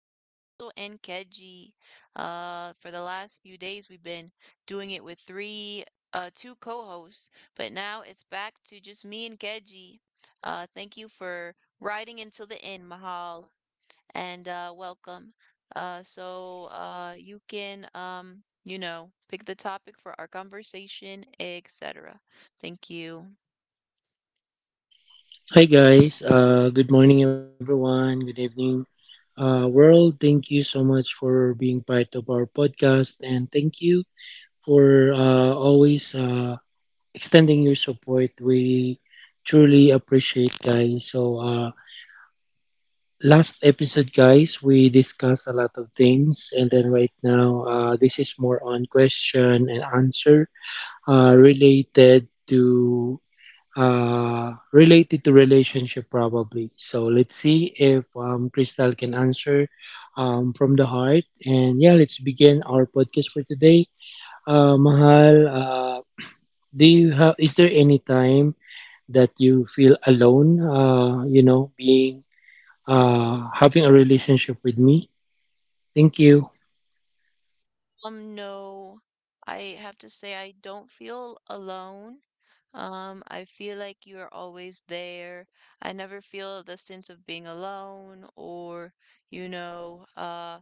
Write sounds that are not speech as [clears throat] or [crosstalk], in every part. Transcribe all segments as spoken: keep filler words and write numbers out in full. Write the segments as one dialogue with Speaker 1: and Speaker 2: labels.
Speaker 1: with Crystal and Keji. Uh, for the last few days, we've been doing it with three, uh, two co-hosts, but now it's back to just me and Keji. Uh, thank you for riding until the end, Mahal, and uh, welcome. Uh, so uh, you can, um, you know, pick the topic for our conversation, et cetera. Thank you.
Speaker 2: Hi guys, uh, good morning everyone, good evening uh, world. Thank you so much for being part of our podcast and thank you for uh, always uh, extending your support. We truly appreciate guys. So uh, last episode guys, we discussed a lot of things and then right now uh, this is more on question and answer uh, related to uh, related to relationship probably. So let's see if um, Crystal can answer um, from the heart. And yeah, let's begin our podcast for today. Uh, Mahal, uh, do you have? Is there any time that you feel alone? Uh, you know, being uh, having a relationship with me. Thank you.
Speaker 1: Um, no, I have to say I don't feel alone. Um, I feel like you're always there. I never feel the sense of being alone or, you know, uh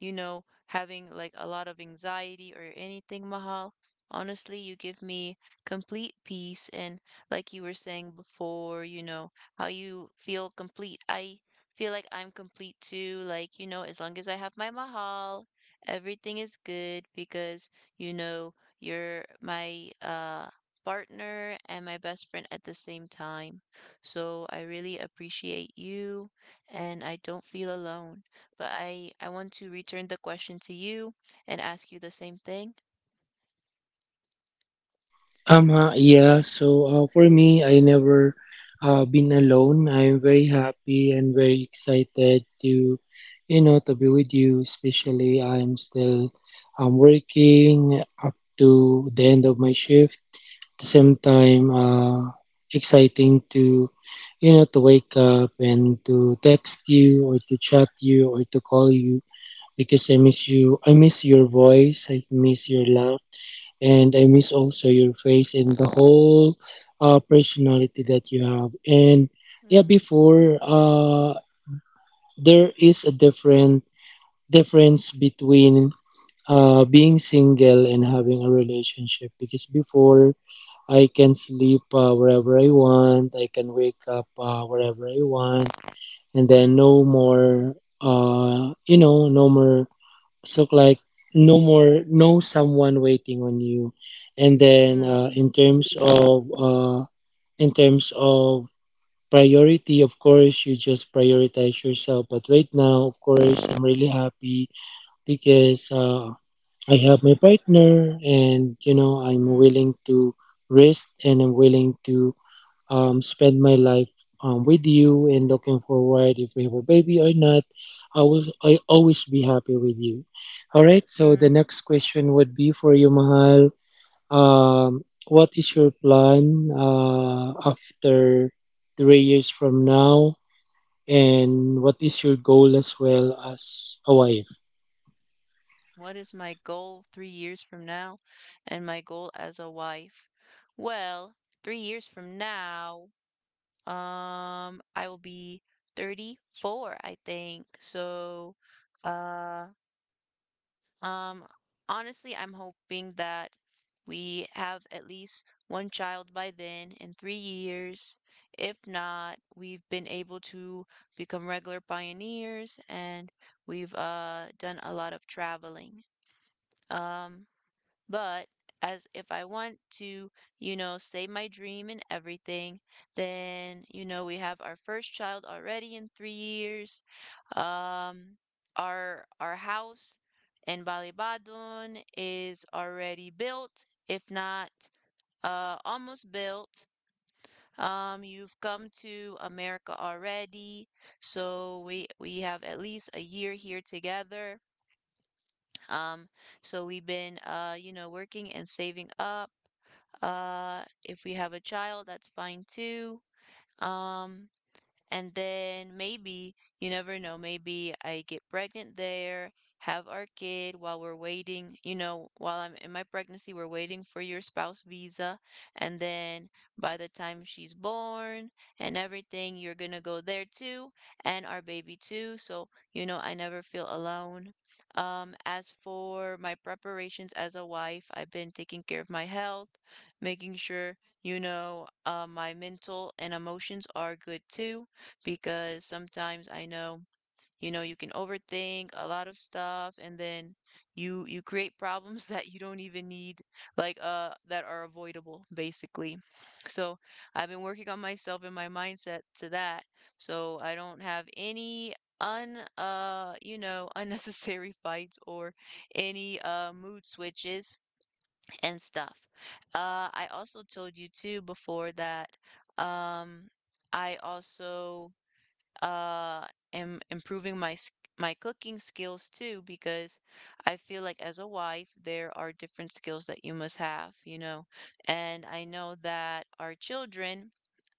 Speaker 1: you know, having like a lot of anxiety or anything, Mahal. Honestly, you give me complete peace. And like you were saying before, you know, how you feel complete. I feel like I'm complete too. Like, you know, as long as I have my Mahal, everything is good because, you know, you're my uh, partner and my best friend at the same time. So I really appreciate you and I don't feel alone, but I I want to return the question to you and ask you the same thing.
Speaker 2: Um,
Speaker 1: So,
Speaker 2: uh, yeah, so uh, for me, I never uh, been alone. I'm very happy and very excited to, you know, to be with you. Especially, I'm still um, working up to the end of my shift. At the same time, uh, exciting to, you know, to wake up and to text you or to chat you or to call you because I miss you. I miss your voice. I miss your laugh and I miss also your face and the whole uh, personality that you have. And
Speaker 1: mm,
Speaker 2: yeah, before uh, there is a different difference between uh, being single and having a relationship because before I can sleep uh, wherever I want, I can wake up uh, wherever I want, and
Speaker 1: mm,
Speaker 2: then no more uh, you know no more so like no more no someone waiting on you. And
Speaker 1: mm,
Speaker 2: then uh, in terms of uh, in terms of priority, of course you just prioritize yourself. But right now, of course, I'm really happy because uh, I have my partner and you know I'm
Speaker 1: mm,
Speaker 2: willing to risk and I'm willing to um, spend my life um, with you and looking forward if we have a baby or not. I will I always be happy with you. All right.
Speaker 1: mm.
Speaker 2: So the next question would be for you, Mahal. Um, what is your plan uh, after three years from now, and what is your goal as well as a wife?
Speaker 1: What is my goal three years from now and my goal as a wife? Well, three years from now, um, I will be thirty-four, I think. So, uh, Um, honestly, I'm hoping that we have at least one child by then in three years. If not, we've been able to become regular pioneers and we've uh, done a lot of traveling. Um, but as if I want to, you know, say my dream and everything, then, you know, we have our first child already in three years. Um, our our house in Balibadon is already built, if not uh almost built. Um, you've come to America already, so we we have at least a year here together. Um, so we've been uh, you know, working and saving up. Uh, if we have a child, that's fine too. Um, and then maybe, you never know, maybe I get pregnant there, have our kid while we're waiting, you know, while I'm in my pregnancy, we're waiting for your spouse visa. And then by the time she's born and everything, you're going to go there too, and our baby too. So, you know, I never feel alone. Um, as for my preparations as a wife, I've been taking care of my health, making sure, you know, uh, my mental and emotions are good too because sometimes I know, you know, you can overthink a lot of stuff and then you you create problems [laughs] that you don't even need like uh that are avoidable basically. So, I've been working on myself and my mindset to that so I don't have any un uh you know [laughs] unnecessary fights or any uh mood switches and stuff. Uh I also told you too before that um I also uh am improving my sk- my cooking skills too because I feel like as a wife there are different skills that you must have, you know. And I know that our children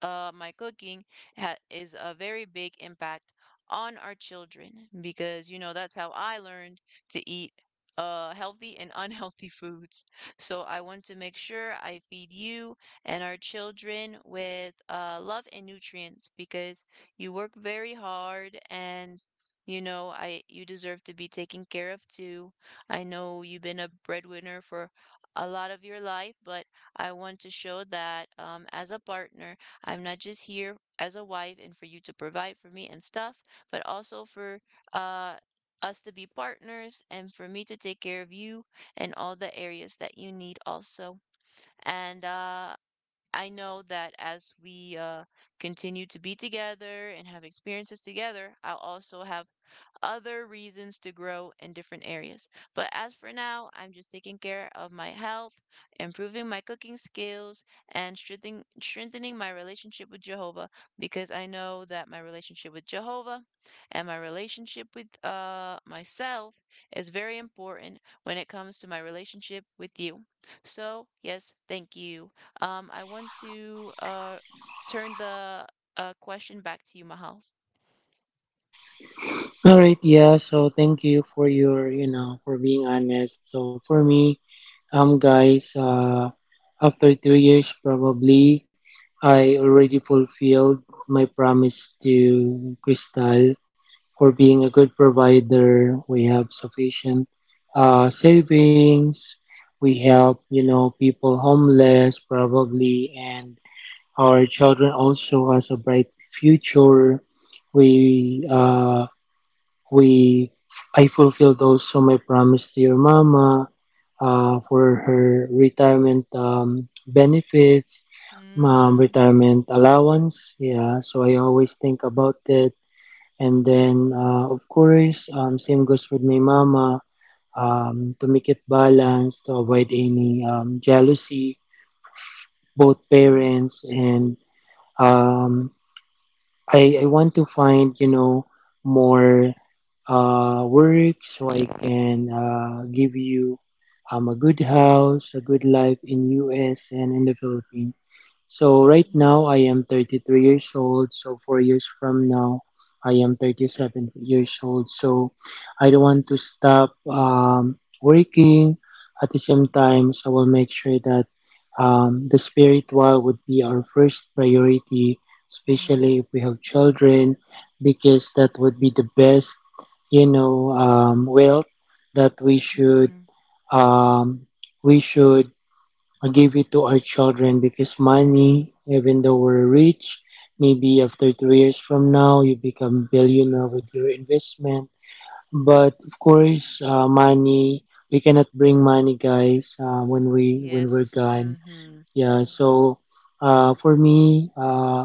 Speaker 1: uh my cooking ha is a very big impact on our children because you know that's how I learned to eat uh healthy and [laughs] unhealthy foods. So I want to make sure I feed you and our children with uh love and nutrients because you work very hard and you know, I you deserve to be taken care of too. I know you've been a breadwinner for a lot of your life, but I want to show that um, as a partner, I'm not just here as a wife and for you to provide for me and stuff, but also for uh us to be partners and for me to take care of you and all the areas that you need also. And uh I know that as we uh, continue to be together and have experiences together, I'll also have other reasons to grow in different areas. But as for now, I'm just taking care of my health, improving my cooking skills, and strengthening, strengthening my relationship with Jehovah because I know that my relationship with Jehovah and my relationship with uh, myself is very important when it comes to my relationship with you. So, yes, thank you. Um, I want to uh, turn the uh, question back to you, Mahal.
Speaker 2: All right. Yeah. So thank you for your you know for being honest. So for me, Um, guys, uh, after three years, probably I already fulfilled my promise to Crystal for being a good provider. We have sufficient uh, savings. We help, you know, people homeless probably, and our children also has a bright future. We uh, we I fulfilled also my promise to your mama uh, for her retirement um, benefits, um,
Speaker 1: Mm,
Speaker 2: retirement allowance. Yeah, so I always think about it. And then, uh, of course, um, same goes with my mama um, to make it balanced, to avoid any um, jealousy, both
Speaker 1: mm,
Speaker 2: parents and um, I, I want to find, you know, more uh, work so I can uh, give you um, a good house, a good life in U S and in the Philippines. So right
Speaker 1: mm.
Speaker 2: now I am thirty-three years old. So four years from now, I am thirty-seven years old. So I don't want to stop um, working. At the same time, so I will make sure that um, the spiritual would be our first priority,
Speaker 1: Mhm,
Speaker 2: especially if we have children, because that would be the best, you know, um, wealth that we should
Speaker 1: mhm.
Speaker 2: um, we should I give it to our children because money, even though we're rich, maybe after three years from now you become billionaire with your investment. But of course, uh, money we cannot bring money, guys. Uh, when we when we're
Speaker 1: Yes,
Speaker 2: gone,
Speaker 1: mhm.
Speaker 2: yeah. So, uh, for me, uh,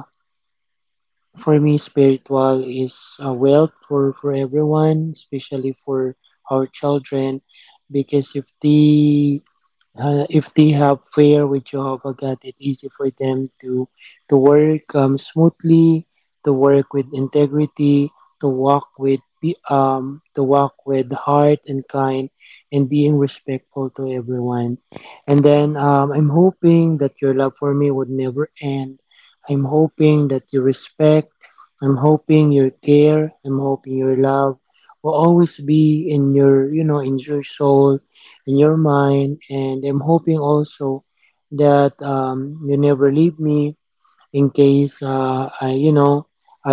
Speaker 2: for me, spiritual is uh, wealth for for everyone, especially for our children, because if they uh, if they have fair with Jehovah God, it's easy for them to to work um, smoothly, to work with integrity, to walk with be- um, to walk with heart and kind, and being respectful to everyone. And then
Speaker 1: Mm.
Speaker 2: um, I'm hoping that your love for me would never end. I'm hoping that your respect, I'm hoping your care, I'm hoping your love will always be in your you know in your soul in your mind, and I'm hoping also that um, you never leave me in case uh, I you know I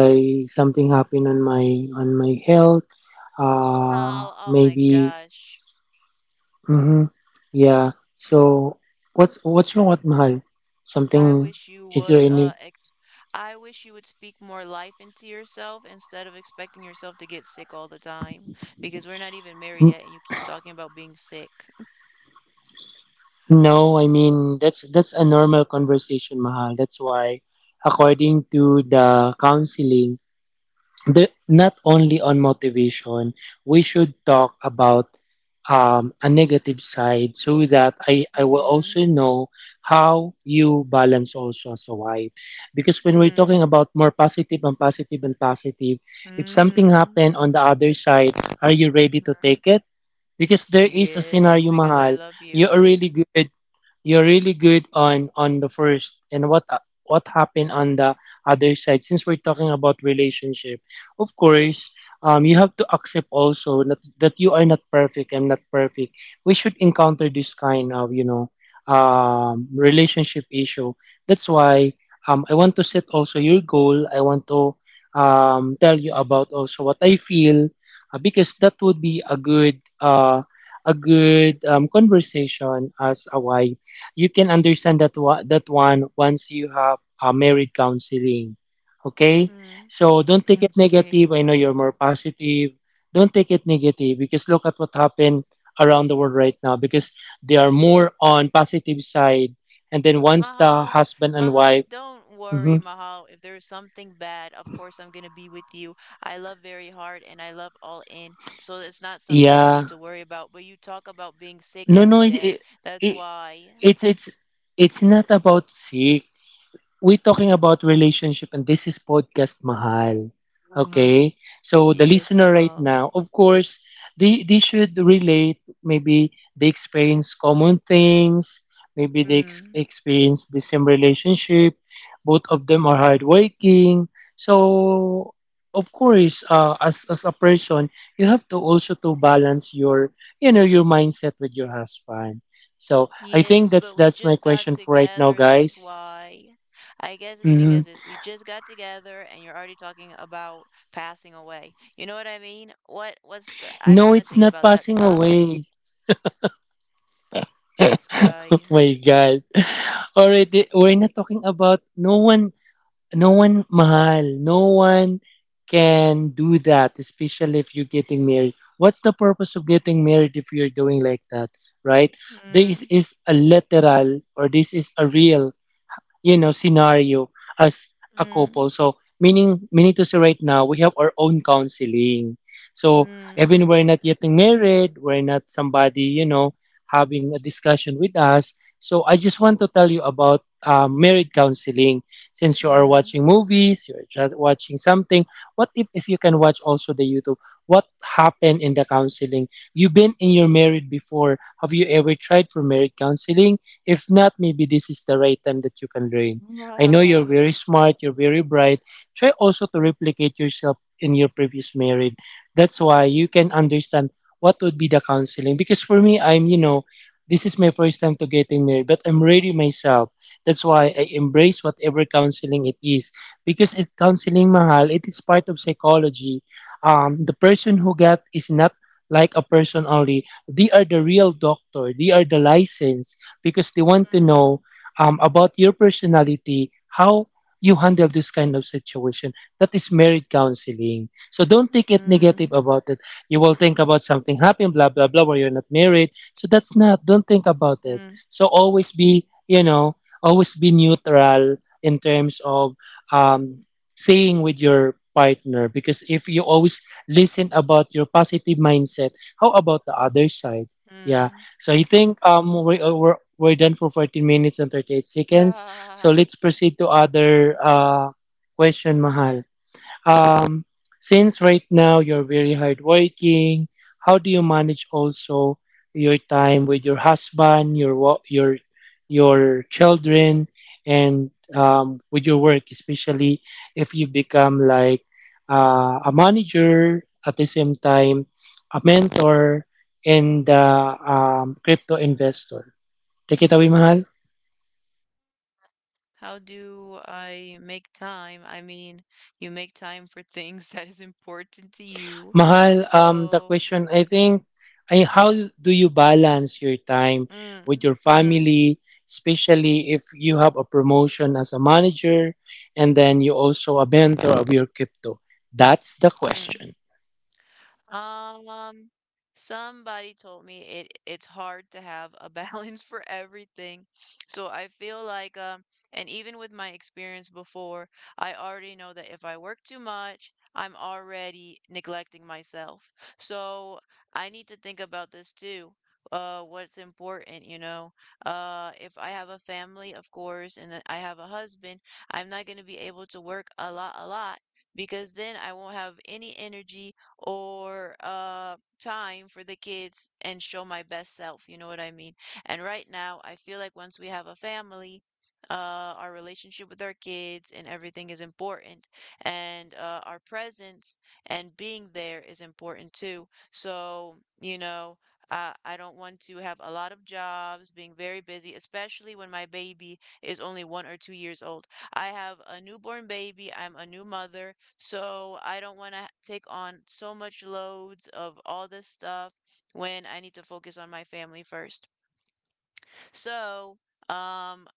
Speaker 2: something happened on my on my health uh
Speaker 1: How? Oh my
Speaker 2: maybe,
Speaker 1: gosh.
Speaker 2: mm-hmm, yeah. So what's what's wrong with mahal,
Speaker 1: I
Speaker 2: something,
Speaker 1: wish you
Speaker 2: is there
Speaker 1: would
Speaker 2: any
Speaker 1: uh ex I wish you would speak more life into yourself instead of expecting yourself to get sick all the time because we're not even married
Speaker 2: N-
Speaker 1: yet and you keep talking about being sick.
Speaker 2: no, I mean that's that's a normal conversation mahal. That's why, according to the counseling, the, not only on motivation, we should talk about um, a negative side so that I, I will
Speaker 1: Mm,
Speaker 2: also know how you balance also as a wife. Because when we're talking
Speaker 1: mm,
Speaker 2: about more positive and positive and positive, if something
Speaker 1: mm,
Speaker 2: happened on the other side, are you ready to
Speaker 1: mm.
Speaker 2: take it? Because there is a
Speaker 1: Yes,
Speaker 2: scenario,
Speaker 1: because I
Speaker 2: Mahal,
Speaker 1: love
Speaker 2: you are
Speaker 1: you.
Speaker 2: really good You're really good on on the first and what what happened on the other side. Since we're talking about relationship, of course, um, you have to accept also that that you are not perfect. I'm not perfect. We should encounter this kind of you know um relationship issue. That's why um I want to set also your goal. I want to um tell you about also what I feel uh, because that would be a good uh a good um, conversation as a wife. You can understand that wa- that one once you have a married counseling. Okay,
Speaker 1: Mm.
Speaker 2: so don't take it
Speaker 1: [laughs] Okay.
Speaker 2: negative. I know you're more positive. Don't take it negative because look at what happened around the world right now because they are more on positive side, and then once the
Speaker 1: Mahal,
Speaker 2: husband and
Speaker 1: Mahal,
Speaker 2: wife.
Speaker 1: don't worry,
Speaker 2: Mhm.
Speaker 1: Mahal. If there's something bad, of course I'm gonna be with you. I love very hard and I love all in, so it's not something you need
Speaker 2: Yeah,
Speaker 1: to worry about. But you talk about being sick
Speaker 2: no, no,
Speaker 1: every
Speaker 2: it,
Speaker 1: day.
Speaker 2: it,
Speaker 1: That's
Speaker 2: it,
Speaker 1: why.
Speaker 2: it's it's it's not about sick. We're talking about relationship and this is podcast mahal,
Speaker 1: Wow.
Speaker 2: okay? So the
Speaker 1: Yes,
Speaker 2: listener right
Speaker 1: Mahal.
Speaker 2: now, of course, they, they should relate, maybe they experience common things, maybe they ex-
Speaker 1: Mm.
Speaker 2: experience the same relationship. Both of them are hardworking. So of course uh, as, as a person, you have to also to balance your you know your mindset with your husband. So I
Speaker 1: Yes,
Speaker 2: think
Speaker 1: but
Speaker 2: that's
Speaker 1: we
Speaker 2: that's my
Speaker 1: just got
Speaker 2: question for right now,
Speaker 1: together. That's
Speaker 2: guys.
Speaker 1: why. I guess it's
Speaker 2: Mm-hmm.
Speaker 1: because it, we just got together and you're already talking about passing away. You know what I mean? What what's the, I don't want
Speaker 2: No,
Speaker 1: to
Speaker 2: it's
Speaker 1: think
Speaker 2: not
Speaker 1: about that
Speaker 2: passing
Speaker 1: stuff.
Speaker 2: away. [laughs] Oh
Speaker 1: Sky.
Speaker 2: my God. Already, we're not talking about no one, no one mahal. No one can do that, especially if you're getting married. What's the purpose of getting married if you're doing like that, right? This
Speaker 1: Mm,
Speaker 2: is a literal or this is a real you know scenario as a
Speaker 1: mm,
Speaker 2: couple. So meaning meaning to say right now we have our own counseling. So
Speaker 1: mm,
Speaker 2: even we're not yet married, we're not somebody you know having a discussion with us. So I just want to tell you about uh, married counseling, since you are
Speaker 1: mhm.
Speaker 2: watching movies, you're just watching something. What if, if you can watch also the youtube, what happened in the counseling? You've been in your married before, have you ever tried for married counseling? If not, maybe this is the right time that you can learn. I know you're
Speaker 1: Ah,
Speaker 2: very smart, you're very bright. Try also to replicate yourself in your previous marriage. That's why you can understand what would be the counseling. Because for me, I'm, you know, this is my first time to getting married, but I'm ready myself. That's why I embrace whatever counseling it is. Because it counseling mahal, it is part of psychology. Um, the person who got is not like a person only. They are the real doctor. They are the license because they want to
Speaker 1: mm,
Speaker 2: know um, about your personality, how you handle this kind of situation. That is married counseling. So don't take it
Speaker 1: mm,
Speaker 2: negative about it. You will think about something happened, blah, blah, blah, where you're not married. So that's not, don't think about it.
Speaker 1: mm,
Speaker 2: So always be, you know, always be neutral in terms of um, saying with your partner, because if you always listen about your positive mindset, how about the other side? Yeah.
Speaker 1: mm.
Speaker 2: So I think um we, uh, we're we're done for fourteen minutes and thirty-eight seconds.
Speaker 1: Ah.
Speaker 2: So let's proceed to other uh question, Mahal. Um, since right now you're very hardworking, how do you manage also your time with your husband, your wa- your your children, and um, with your work, especially if you become like uh, a manager at the same time, a mentor, and uh, um, crypto investor. Take it away, Mahal.
Speaker 1: How do I make time? I mean, you make time for things [laughs] that is important to you. [laughs]
Speaker 2: Mahal, um, the
Speaker 1: So,
Speaker 2: question I think, I, how do you balance your time with
Speaker 1: mm,
Speaker 2: your
Speaker 1: mm,
Speaker 2: family, especially if you have a promotion as a manager, and then you also a mentor of your crypto? That's the
Speaker 1: mm.
Speaker 2: question.
Speaker 1: Um, somebody told me it it's hard to have a [laughs] balance for everything. So I feel like um and even with my experience before, I already know that if I work too much, I'm already neglecting myself. So I need to think about this too. Uh, what's important, you know? Uh, if I have a family, of course, and then I have a husband, I'm not going to be able to work a lot, a lot because then I won't have any energy or uh, time for the kids and show my best self. You know what I mean? And right now, I feel like once we have a family, uh, our relationship with our kids and everything is important, and uh, our presence and being there is important too. So, you know, uh, I don't want to have a lot of jobs, being very busy, especially when my baby is only one or two years old. I have a newborn baby, I'm a new mother, so I don't want to take on so much loads of all this stuff when I need to focus on my family first. So, um,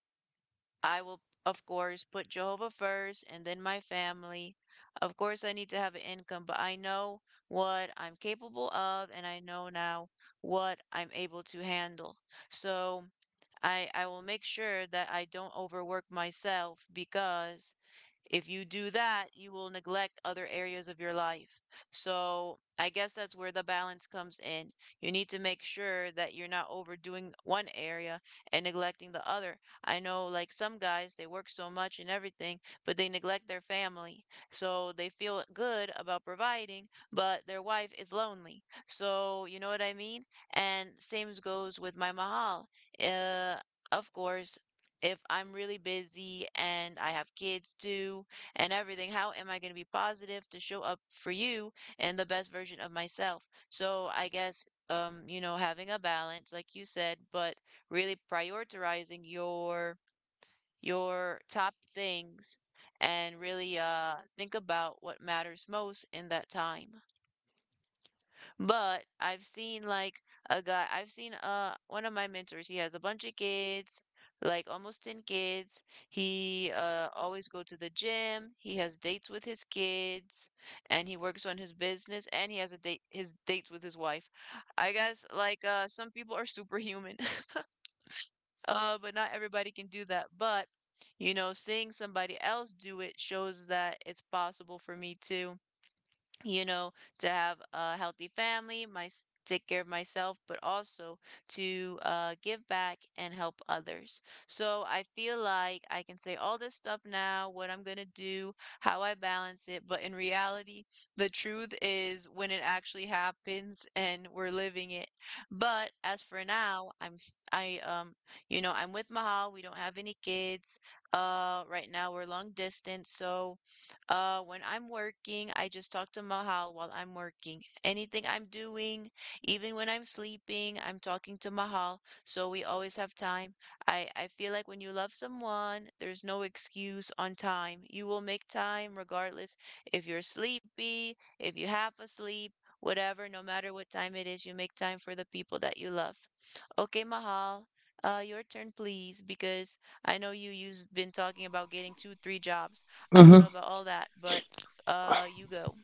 Speaker 1: I will, of course, put Jehovah first and then my family. Of course, I need to have an income, but I know what I'm capable of and I know now what I'm able to handle. So I, I will make sure that I don't overwork myself because if you do that, you will neglect other areas of your life. So I guess that's where the balance comes in. You need to make sure that you're not overdoing one area and neglecting the other. I know, like some guys, they work so much and everything, but they neglect their family. So they feel good about providing, but their wife is lonely. So, you know what I mean? And same goes with my mahal. Uh, of course, if I'm really busy and I have kids too and everything, how am I going to be positive to show up for you and the best version of myself? So I guess, um, you know, having a balance, like you said, but really prioritizing your your top things and really uh think about what matters most in that time. But I've seen like a guy, I've seen uh one of my mentors, he has a bunch of kids, like almost ten kids. He uh always go to the gym, he has dates with his kids, and he works on his business and he has a date his dates with his wife. I guess like uh some people are superhuman. [laughs] Uh, but not everybody can do that. But you know, seeing somebody else do it shows that it's possible for me too, you know, to have a healthy family, my s- take care of myself, but also to uh, give back and help others. So I feel like I can say all this stuff now, what I'm gonna do, how I balance it, but in reality, the truth is when it actually happens and we're living it. But as for now, I'm s- I um you know I'm with Mahal. We don't have any kids. Uh, right now we're long distance, so uh, when I'm working, I just talk to Mahal while I'm working. Anything I'm doing, even when I'm sleeping, I'm talking to Mahal, so we always have time. I, I feel like when you love someone, there's no excuse on time. You will make time regardless if you're sleepy, if you half asleep, whatever, no matter what time it is, you make time for the people that you love. Okay, Mahal, uh, your turn, please, because I know you you've been talking about getting two, three jobs. I don't know about all that, but uh, you go.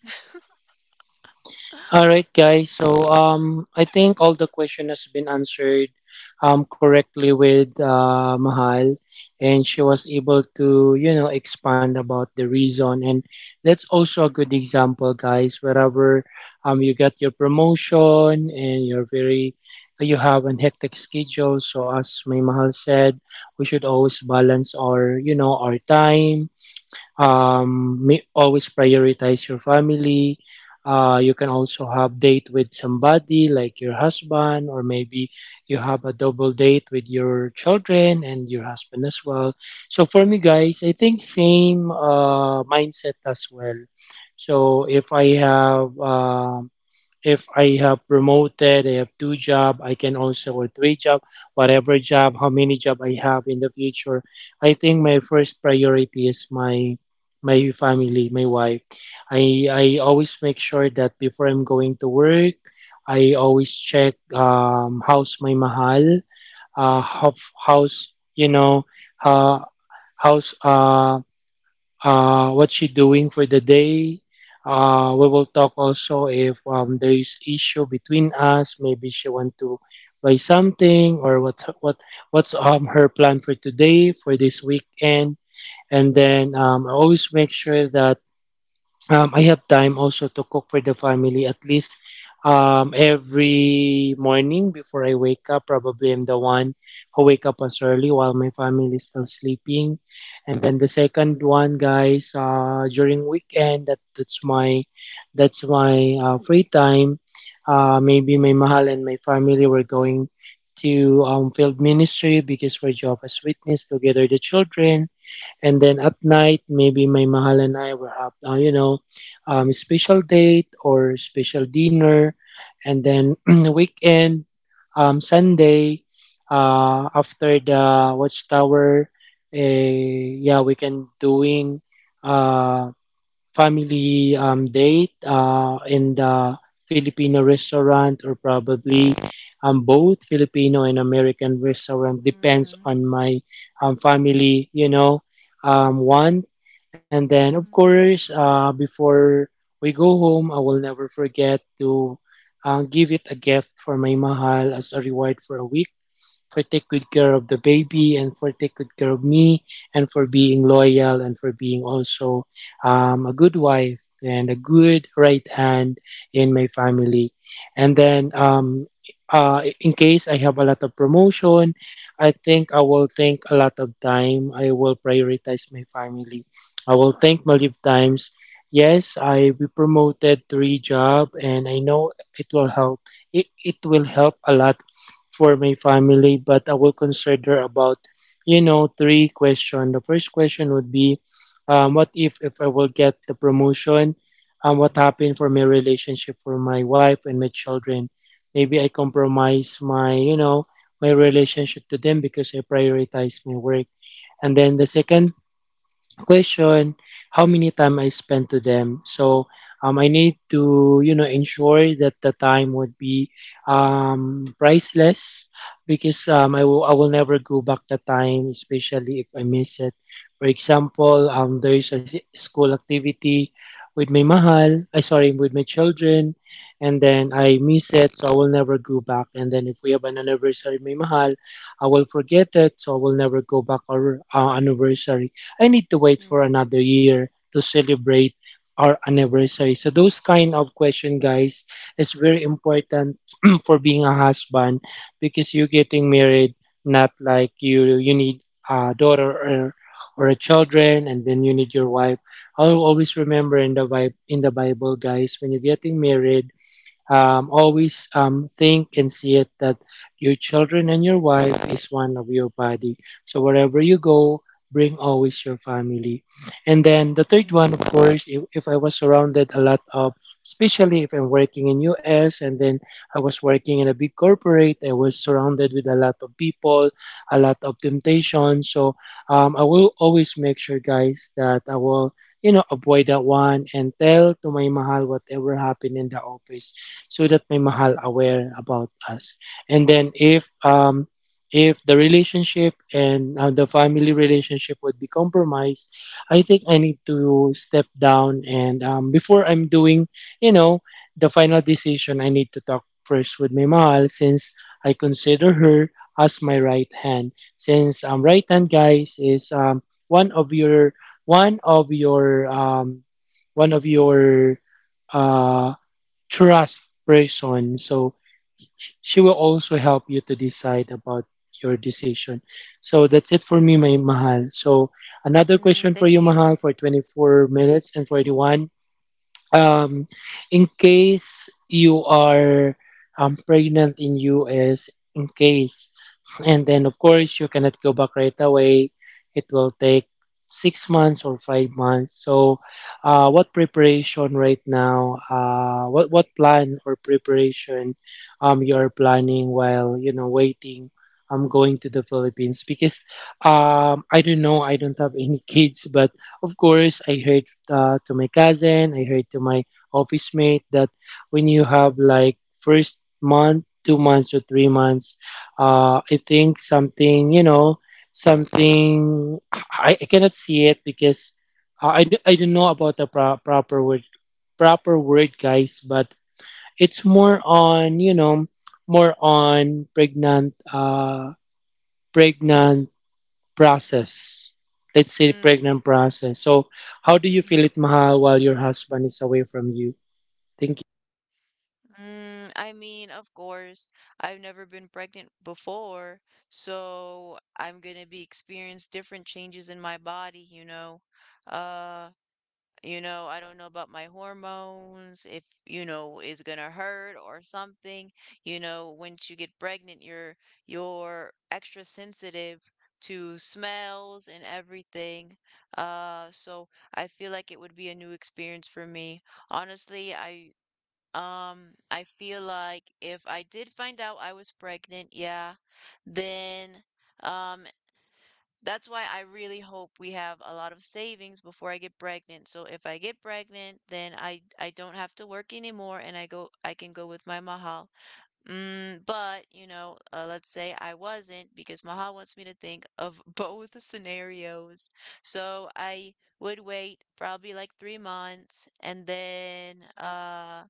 Speaker 2: All
Speaker 1: [gasps]
Speaker 2: right, guys. So um, I think all the question has been answered um, correctly with uh, Mahal, and she was able to you know expand about the reason. And that's also a good example, guys. Wherever um, you got your promotion and you're very you have an hectic schedule. So as May Mahal said, we should always balance our you know our time um, may always prioritize your family. Uh, you can also have date with somebody like your husband, or maybe you have a double date with your children and your husband as well. So for me, guys, I think same uh, mindset as well. So if I have um, if I have promoted, I have two job, I can also or three job, whatever job, how many job I have in the future. I think my first priority is my my family, my wife. I I always make sure that before I'm going to work, I always check um how's my mahal, uh how, how's you know uh, how's uh uh, what she doing for the day. Uh, we will talk also if um, there is issue between us. Maybe she want to buy something or what what what's um her plan for today for this weekend. And then um, I always make sure that Um, I have time also to cook for the family at least um, every morning before I wake up. Probably I'm the one who wake up as early while my family is still sleeping. And then the second one, guys, uh, during weekend, that that's my that's my uh, free time. Uh, maybe my mahal and my family were going to um, field ministry because we're Jehovah's Witness together the children. And then at night, maybe my mahal and I will have, uh, you know, um, special date or special dinner. And then [clears throat] the weekend, um, Sunday, uh, after the watchtower, eh, yeah, we can doing uh, family um, date uh, in the Filipino restaurant or probably um, both Filipino and American restaurant depends
Speaker 1: Mm,
Speaker 2: on my um, family, you know, um, want. And then, of course,
Speaker 1: mhm,
Speaker 2: uh, before we go home, I will never forget to uh, give it a gift for my mahal as a reward for a week for take good care of the baby and for take good care of me and for being loyal and for being also um, a good wife and a good right hand in my family. And then um, uh, in case I have a lot of promotion, I think I will take a lot of time. I will prioritize my family. I will thank Maldive Times. Yes, I be promoted three job and I know it will help. It, it will help a lot for my family, but I will consider about, you know, three question. The first question would be, um, what if if I will get the promotion? Um, what happened for my relationship for my wife and my children? Maybe I compromise my, you know, my relationship to them because I prioritize my work. And then the second question how many time I spend to them. So um, I need to you know ensure that the time would be um, priceless because um, I will I will never go back the time, especially if I miss it. For example, um, there is a s- school activity with my mahal, I sorry, with my children, and then I miss it, so I will never go back. And then if we have an anniversary, with my mahal, I will forget it, so I will never go back our uh, anniversary. I need to wait for
Speaker 1: mm,
Speaker 2: another year to celebrate our anniversary. So those kind of question, guys, is very important [clears throat] for being a husband because you're getting married, not like you you need a daughter or or a children, and then you need your wife. I'll always remember in the Bi- in the Bible, guys, when you're getting married, Um, always um, think and see it that your children and your wife is one of your body. So wherever you go, bring always your family. And then the third
Speaker 1: mm,
Speaker 2: one, of course, if, if I was surrounded a lot of, especially if I'm working in U S and then I was working in a big corporate, I was surrounded with a lot of people, a lot of temptation. So um, I will always make sure, guys, that I will you know, avoid that one and tell to my mahal whatever happened in the office so that my mahal
Speaker 1: mm,
Speaker 2: aware about us. And then if um if the relationship and uh, the family relationship would be compromised, I think I need to step down and um before I'm doing, you know, the final decision, I need to talk first with my mahal since I consider her as my right hand. Since um right hand guys is um one of your one of your um one of your uh, trust person. So she will also help you to decide about your decision. So that's it for me, my mahal. So another
Speaker 1: mm,
Speaker 2: question for you,
Speaker 1: thank you.
Speaker 2: mahal, for twenty-four minutes and forty-one. Um, in case you are um, pregnant in U S, in case and then of course you cannot go back right away, it will take six months or five months. So uh, what preparation right now, uh, what what plan or preparation um you're planning while you know waiting um going to the Philippines because um I don't know, I don't have any [laughs] kids, but of course I heard uh, to my cousin, I heard to my office mate that when you have like first month, two months or three months, uh, I think something, you know, something I, I cannot see it because uh, I, d- I don't know about the pro- proper word, proper word, guys, but it's more on, you know, more on pregnant, uh, pregnant process. Let's say
Speaker 1: Mm,
Speaker 2: pregnant process. So, how do you feel
Speaker 1: mhm,
Speaker 2: it, Mahal, while your husband is away from you? Thank
Speaker 1: mm, I mean, of course, I've never been pregnant before, so I'm gonna be experience different changes in my body, you know. Uh, You know, I don't know about my hormones, if, you know, is gonna hurt or something. You know, once you get pregnant, you're you're extra sensitive to smells and everything. Uh, so I feel like it would be a new experience for me. Honestly, I um I feel like if I did find out I was pregnant, yeah, then um that's why I really hope we have a lot of savings before I get pregnant. So if I get pregnant, then I I don't have to work anymore and I go I can go with my mahal. Mm, but, you know, uh, let's say I wasn't because mahal wants me to think of [laughs] both scenarios. So I would wait probably like three months and then uh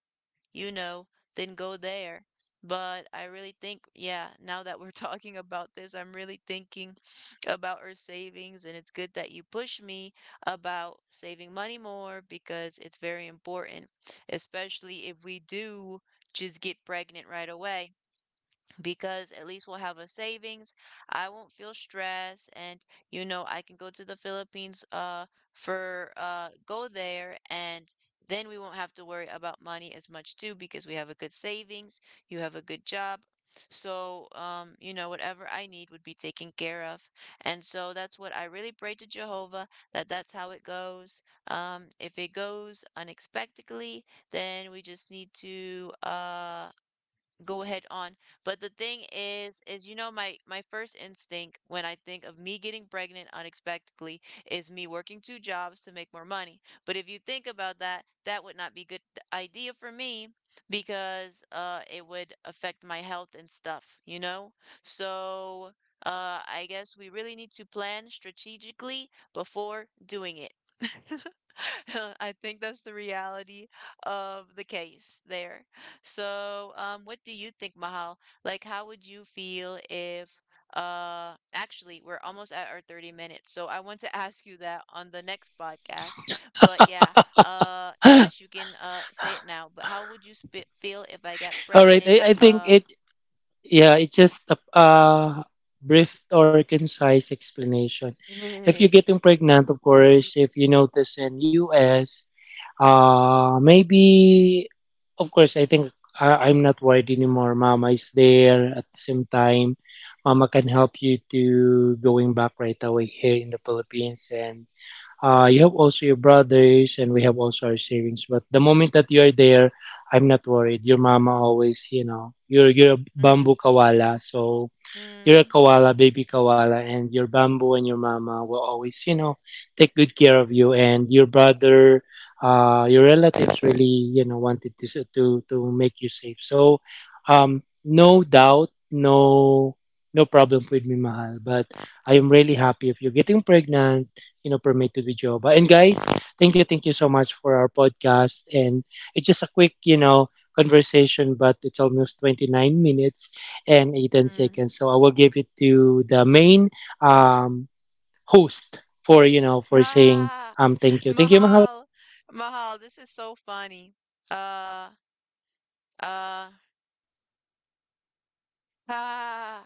Speaker 1: you know, then go there. But I really think, yeah, now that we're [laughs] talking about this, I'm really thinking about our savings. And it's good that you push me about saving money more because it's very important, especially if we do just get pregnant right away because at least we'll have a savings. I won't feel stressed and you know I can go to the Philippines uh for uh go there and then we won't have to worry about money as much too because we have a good savings, you have a good job. So um you know whatever I need would be taken care of. And so that's what I really pray to Jehovah that that's how it goes. Um if it goes unexpectedly, then we just need to uh go ahead on. But the thing is, is you know my my first instinct when I think of me getting pregnant unexpectedly is me working two jobs to make more money. But if you think about that, that would not be a good idea for me because uh it would affect my health and stuff, you know? So uh I guess we really need to plan strategically before doing it. [laughs] I think that's the reality of the case there. So, um, what do you think, Mahal? Like, how would you feel if, uh, actually, we're almost at our thirty minutes, so I want to [laughs] ask you that on the next podcast. But yeah, uh,
Speaker 2: you. [gasps]
Speaker 1: unless you can, uh, say it now, but how would you sp feel if I got
Speaker 2: [laughs] All right,
Speaker 1: pregnant,
Speaker 2: I, I think
Speaker 1: uh,
Speaker 2: it. Yeah, it's just a, a brief or concise explanation. If you're
Speaker 1: [laughs]
Speaker 2: getting pregnant, of course, if you notice in U S, uh, maybe, of course, I think I, I'm not worried anymore. Mama is there at the same time. Mama can help you to going back right away here in the Philippines, and uh, you
Speaker 1: mm,
Speaker 2: have also your brothers and we have also our savings, but the moment that you are there, I'm not worried. Your mama always, you know, you're you're a bamboo
Speaker 1: mm,
Speaker 2: kawala. So you're a
Speaker 1: mm,
Speaker 2: koala, baby koala, and your bamboo and your mama will always, you know, take good care of you. And your brother, uh, your relatives really, you know, wanted to s- to to make you safe. So, um, no doubt, no no problem with me, mahal. But I am really happy if you're getting pregnant, you know, permitted with Joba. And guys, thank you, thank you so much for our podcast. And it's just a quick, you know, conversation, but it's almost twenty-nine minutes and eighteen
Speaker 1: mm.
Speaker 2: seconds. So I will give it to the main um, host for, you know,
Speaker 1: [laughs]
Speaker 2: for saying
Speaker 1: Ah,
Speaker 2: um, thank you. Thank you, Mahal. Take it
Speaker 1: Mahal,
Speaker 2: away.
Speaker 1: Mahal, this is so funny. Uh, uh, [laughs] ah.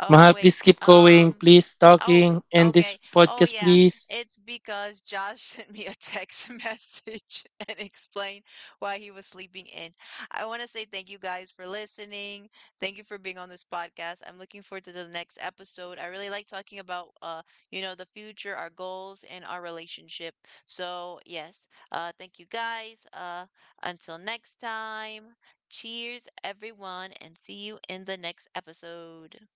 Speaker 1: Oh,
Speaker 2: Mahal,
Speaker 1: wait.
Speaker 2: please keep going.
Speaker 1: Um,
Speaker 2: Please
Speaker 1: oh,
Speaker 2: talking. End this
Speaker 1: okay. Oh,
Speaker 2: podcast,
Speaker 1: yeah.
Speaker 2: please.
Speaker 1: It's because Josh [laughs] sent me a text message [laughs] and explained why he was sleeping in. I want to say thank you guys for listening. Thank you for being on this podcast. I'm looking forward to the next episode. I really like talking about uh, you know, the future, our goals, and our relationship. So, yes. Uh, thank you guys. Uh, until next time. Cheers, everyone, and see you in the next episode.